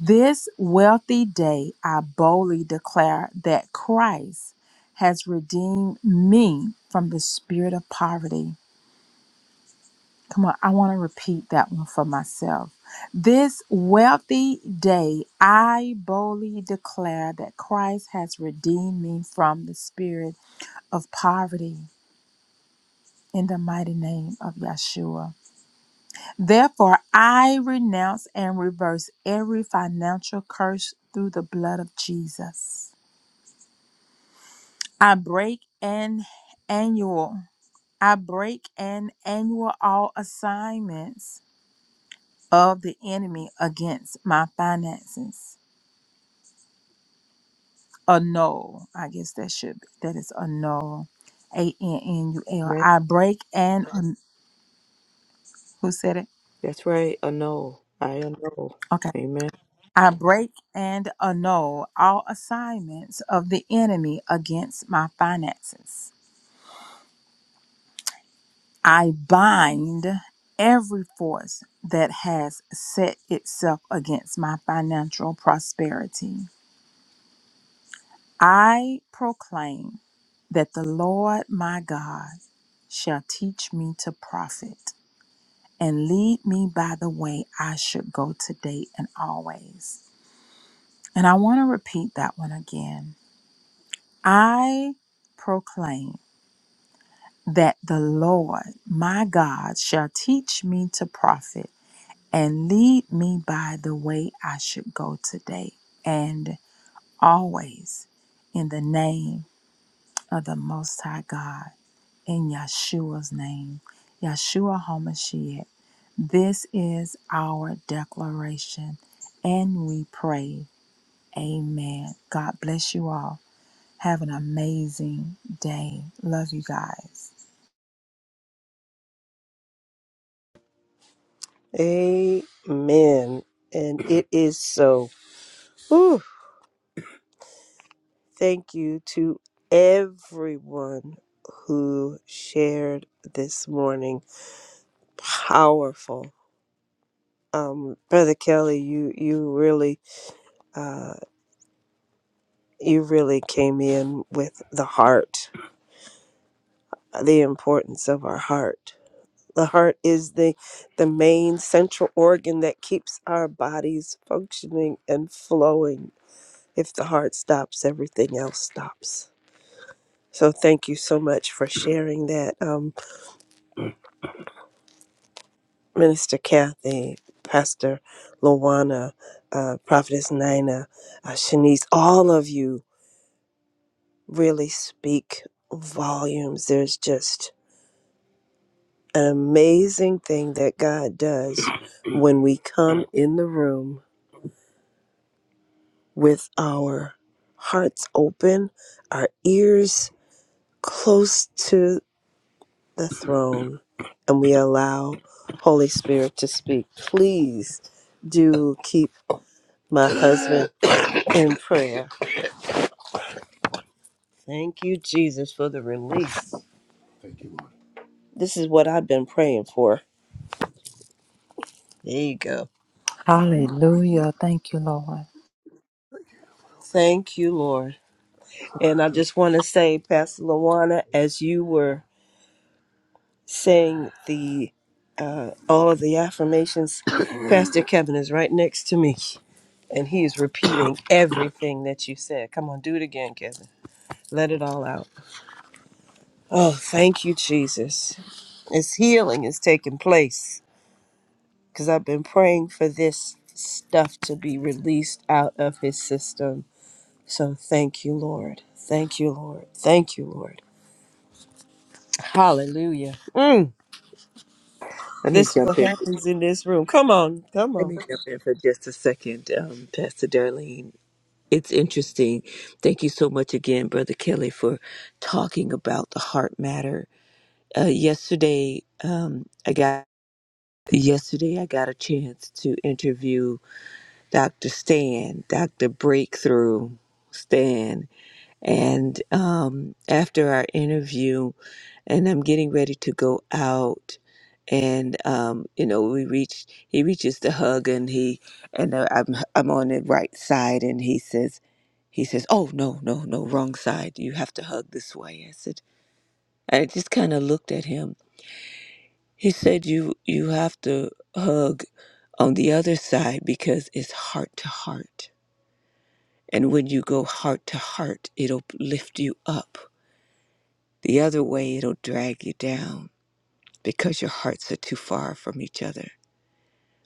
Speaker 4: This wealthy day, I boldly declare that Christ has redeemed me from the spirit of poverty. Come on, I want to repeat that one for myself. This wealthy day, I boldly declare that Christ has redeemed me from the spirit of poverty in the mighty name of Yeshua. Therefore, I renounce and reverse every financial curse through the blood of Jesus. I break an annual. I break an annual all assignments of the enemy against my finances. Annul. I guess that should be. That is annul. A N N U L. I break and who said it?
Speaker 3: That's right, annul. I annul.
Speaker 4: Okay.
Speaker 3: Amen.
Speaker 4: I break and annul all assignments of the enemy against my finances. I bind every force that has set itself against my financial prosperity. I proclaim that the Lord my God shall teach me to profit and lead me by the way I should go today and always. And I want to repeat that one again. I proclaim that the Lord my God shall teach me to profit and lead me by the way I should go today and always in the name of the Most High God, in Yeshua's name, Yeshua HaMashiach. This is our declaration and we pray. Amen. God bless you all. Have an amazing day. Love you guys.
Speaker 1: Amen. And it is so. Whew. Thank you to everyone who shared this morning. Powerful. Um, Brother Kelly, you, you really uh, you really came in with the heart, uh, the importance of our heart. The heart is the the main central organ that keeps our bodies functioning and flowing. If the heart stops, everything else stops. So thank you so much for sharing that. Um, Minister Kathy, Pastor Luana, uh, Prophetess Nina, uh, Shanice, all of you really speak volumes. There's just an amazing thing that God does when we come in the room with our hearts open, our ears close to the throne, and we allow Holy Spirit to speak. Please do keep my husband in prayer. Thank you, Jesus, for the release. Thank you, Lord. This is what I've been praying for. There you go. Thank you.
Speaker 4: Hallelujah. Thank you, Lord.
Speaker 1: Thank you, Lord. And I just want to say, Pastor Lawana, as you were saying the all of the affirmations, Pastor Kevin is right next to me, and he is repeating everything that you said. Come on, do it again, Kevin. Let it all out. Oh, thank you, Jesus. It's healing is taking place. because I've been praying for this stuff to be released out of his system. So thank you, Lord. Thank you, Lord. Thank you, Lord. Hallelujah. Mm.
Speaker 3: Let me
Speaker 1: This is
Speaker 3: jump
Speaker 1: what
Speaker 3: in.
Speaker 1: happens in this room. Come on. Come
Speaker 3: Let
Speaker 1: on.
Speaker 3: me jump in for just a second, um, Pastor Darlene. It's interesting. Thank you so much again, Brother Kelly, for talking about the heart matter. Uh, yesterday, um, I got yesterday I got a chance to interview Dr. Stan, Dr. Breakthrough Stan, And um, after our interview, and I'm getting ready to go out, and um, you know, we reach. He reaches to hug, and he and uh, I'm I'm on the right side, and he says, he says, "Oh no, no, no, wrong side. You have to hug this way." I said, I just kind of looked at him. He said, "You you have to hug on the other side because it's heart to heart, and when you go heart to heart, it'll lift you up." The other way, it'll drag you down because your hearts are too far from each other.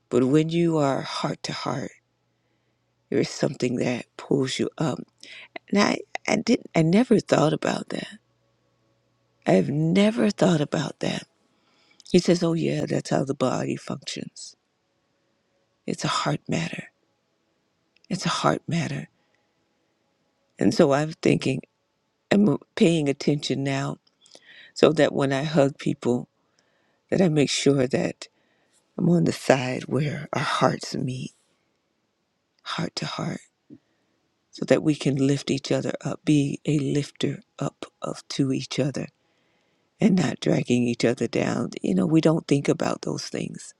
Speaker 3: But when you are heart to heart, there is something that pulls you up. And I, I didn't, I never thought about that. I have never thought about that. He says, "Oh yeah, that's how the body functions. It's a heart matter. It's a heart matter." And so I'm thinking, I'm paying attention now, so that when I hug people, that I make sure that I'm on the side where our hearts meet, heart to heart so that we can lift each other up, be a lifter up of to each other and not dragging each other down. You know, we don't think about those things.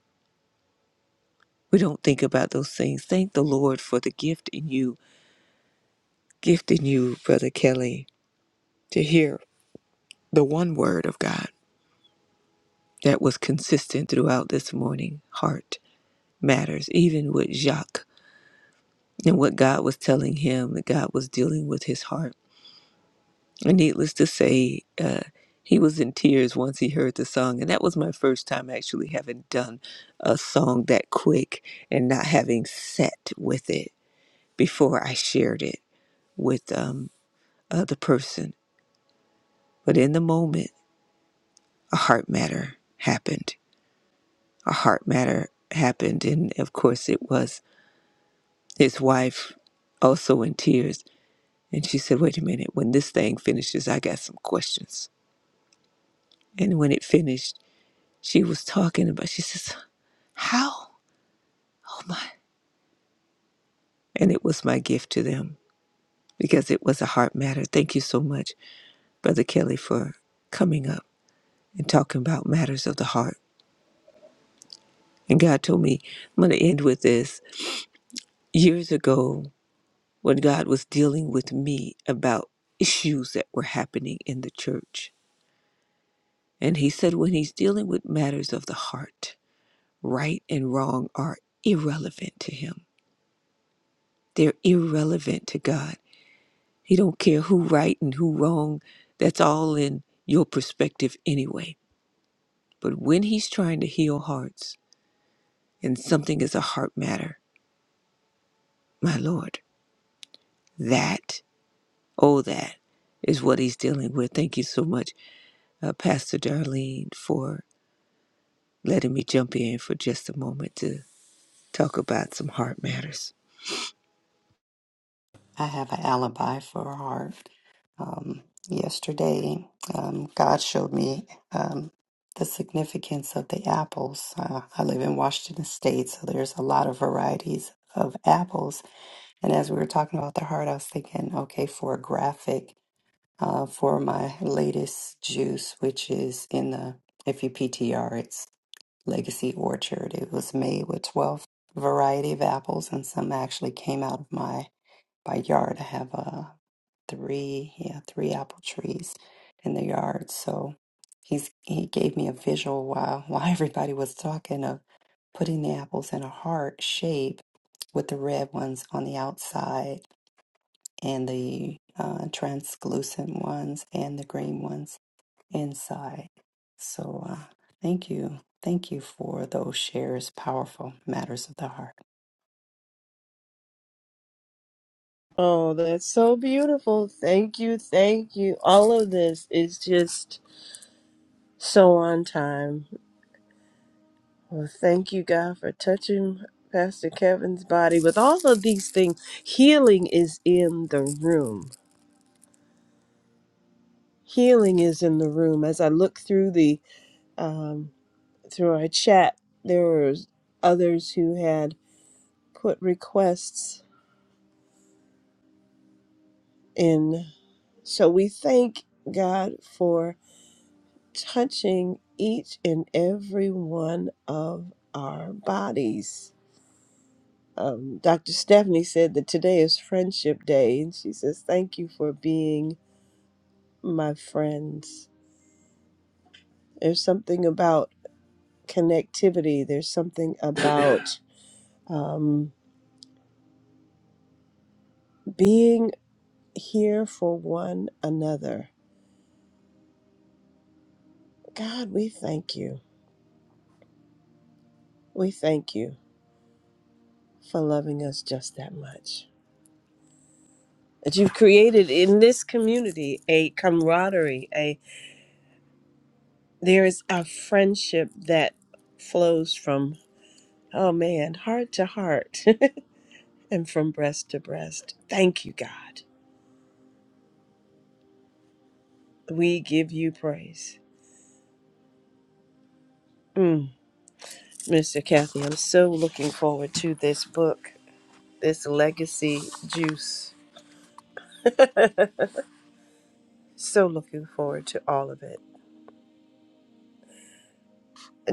Speaker 3: We don't think about those things. Thank the Lord for the gift in you, gift in you, Brother Kelly, to hear the one word of God that was consistent throughout this morning. Heart matters, even with Jacques and what God was telling him, that God was dealing with his heart And needless to say, uh, he was in tears once he heard the song. And that was my first time actually having done a song that quick and not having set with it before I shared it with um, other person. But in the moment, a heart matter happened. A heart matter happened. And of course, it was his wife also in tears. And she said, Wait a minute, when this thing finishes, I got some questions. And when it finished, she was talking about. She says. How? Oh my. And it was my gift to them because it was a heart matter. Thank you so much, Brother Kelly, for coming up and talking about matters of the heart. And God told me, I'm going to end with this. Years ago, when God was dealing with me about issues that were happening in the church, and He said, when He's dealing with matters of the heart, right and wrong are irrelevant to Him, they're irrelevant to God. He don't care who right and who wrong. That's all in your perspective anyway. But when he's trying to heal hearts and something is a heart matter, my Lord, that, oh, that is what he's dealing with. Thank you so much, uh, Pastor Darlene, for letting me jump in for just a moment to talk about some heart matters.
Speaker 2: I have an alibi for a heart. Um, yesterday, um, God showed me um, the significance of the apples. Uh, I live in Washington State, so there's a lot of varieties of apples. And as we were talking about the heart, I was thinking, okay, for a graphic uh, for my latest juice, which is in the, if you PTR, it's Legacy Orchard. It was made with 12 variety of apples, and some actually came out of my by yard. I have uh three yeah three apple trees in the yard. So he's he gave me a visual while while everybody was talking of putting the apples in a heart shape with the red ones on the outside and the uh, translucent ones and the green ones inside. So uh, thank you. Thank you for those shares, powerful matters of the heart.
Speaker 1: Oh, that's so beautiful. Thank you. Thank you. All of this is just so on time. Well, thank you, God, for touching Pastor Kevin's body with all of these things. Healing is in the room healing is in the room. As I look through the um, through our chat, there were others who had put requests in. So we thank God for touching each and every one of our bodies. Um, Dr. Stephanie said that today is Friendship Day, and she says, "Thank you for being my friends." There's something about connectivity. There's something about um, being here for one another. God, we thank you. We thank you for loving us just that much. That you've created in this community a camaraderie, a there is a friendship that flows from oh man, heart to heart and from breast to breast. Thank you, God. We give you praise. Mm, Mr. Kathy, I'm so looking forward to this book, this legacy juice. So looking forward to all of it.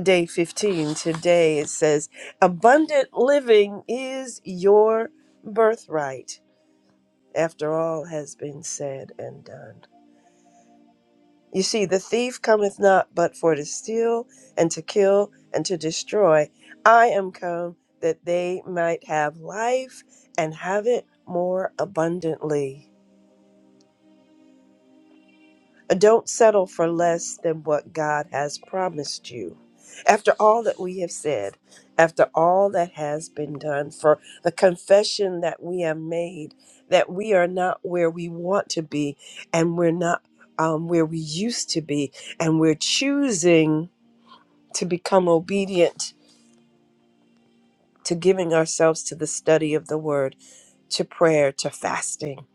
Speaker 1: Day 15 today it says, Abundant living is your birthright, after all has been said and done. You see, the thief cometh not but for to steal and to kill and to destroy. I am come that they might have life and have it more abundantly. Don't settle for less than what God has promised you. After all that we have said, after all that has been done, for the confession that we have made that we are not where we want to be and we're not um, where we used to be, and we're choosing to become obedient to giving ourselves to the study of the word, to prayer, to fasting.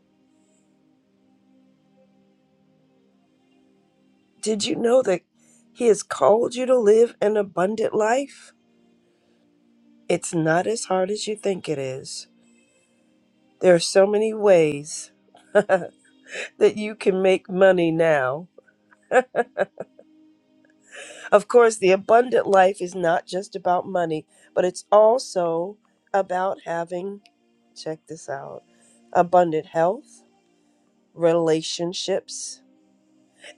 Speaker 1: Did you know that He has called you to live an abundant life? It's not as hard as you think it is. There are so many ways that you can make money now. Of course, the abundant life is not just about money, but it's also about having, check this out, abundant health, relationships,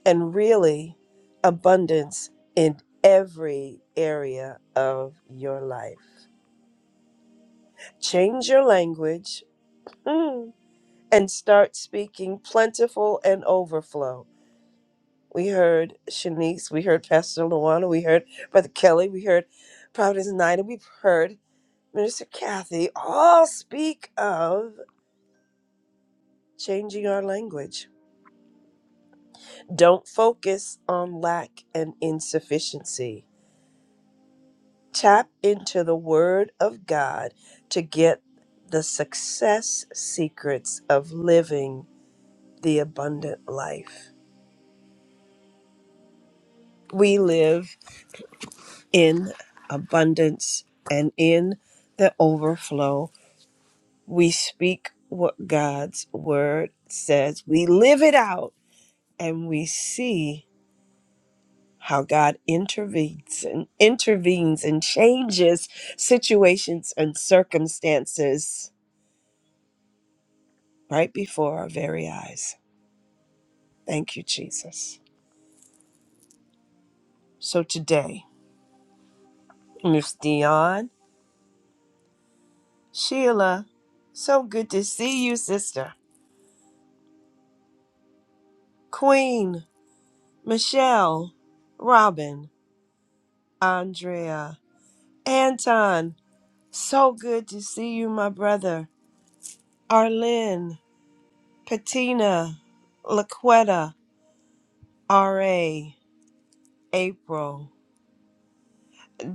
Speaker 1: and really abundance in every area of your life. Change your language mm, and start speaking plentiful and overflow We heard Shanice. We heard Pastor Luana. We heard Brother Kelly. We heard Providence Nina. We've heard Minister Kathy all speak of changing our language. Don't focus on lack and insufficiency. Tap into the Word of God to get the success secrets of living the abundant life. We live in abundance and in the overflow We speak what God's word says. We live it out and we see how God intervenes and intervenes and changes situations and circumstances right before our very eyes. Thank you, Jesus. So today, Miss Dion, Sheila, so good to see you, sister. Queen, Michelle, Robin, Andrea, Anton, So good to see you, my brother. Arlene, Patina, Laquetta, R.A., April,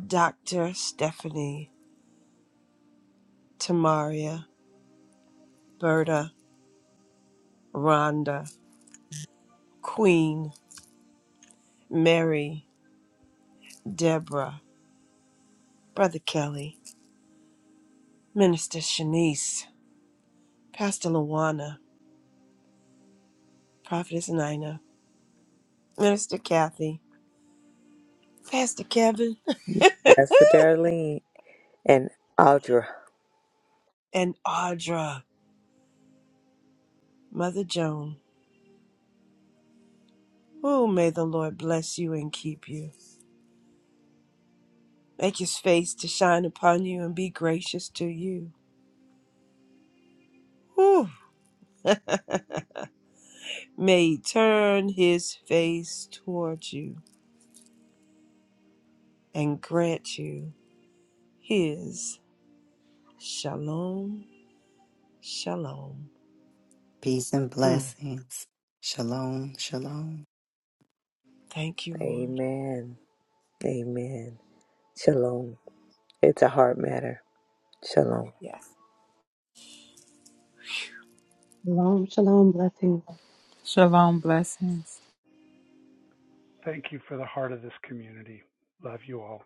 Speaker 1: Dr. Stephanie, Tamaria, Berta, Rhonda, Queen, Mary, Deborah, Brother Kelly, Minister Shanice, Pastor Luana, Prophetess Nina, Minister Kathy, Pastor Kevin,
Speaker 3: Pastor Darlene and Audra.
Speaker 1: and Audra, Mother Joan. Oh, may the Lord bless you and keep you. Make his face to shine upon you and be gracious to you. Whew. May he turn his face towards you and grant you his shalom, shalom.
Speaker 2: Peace and
Speaker 1: Mm.
Speaker 2: blessings. Shalom, shalom.
Speaker 1: Thank you, Lord.
Speaker 3: Amen. Amen. Shalom. It's a heart matter. Shalom.
Speaker 1: Yeah.
Speaker 5: Shalom, shalom, blessings.
Speaker 4: Shalom. Blessings.
Speaker 6: Thank you for the heart of this community. Love you all.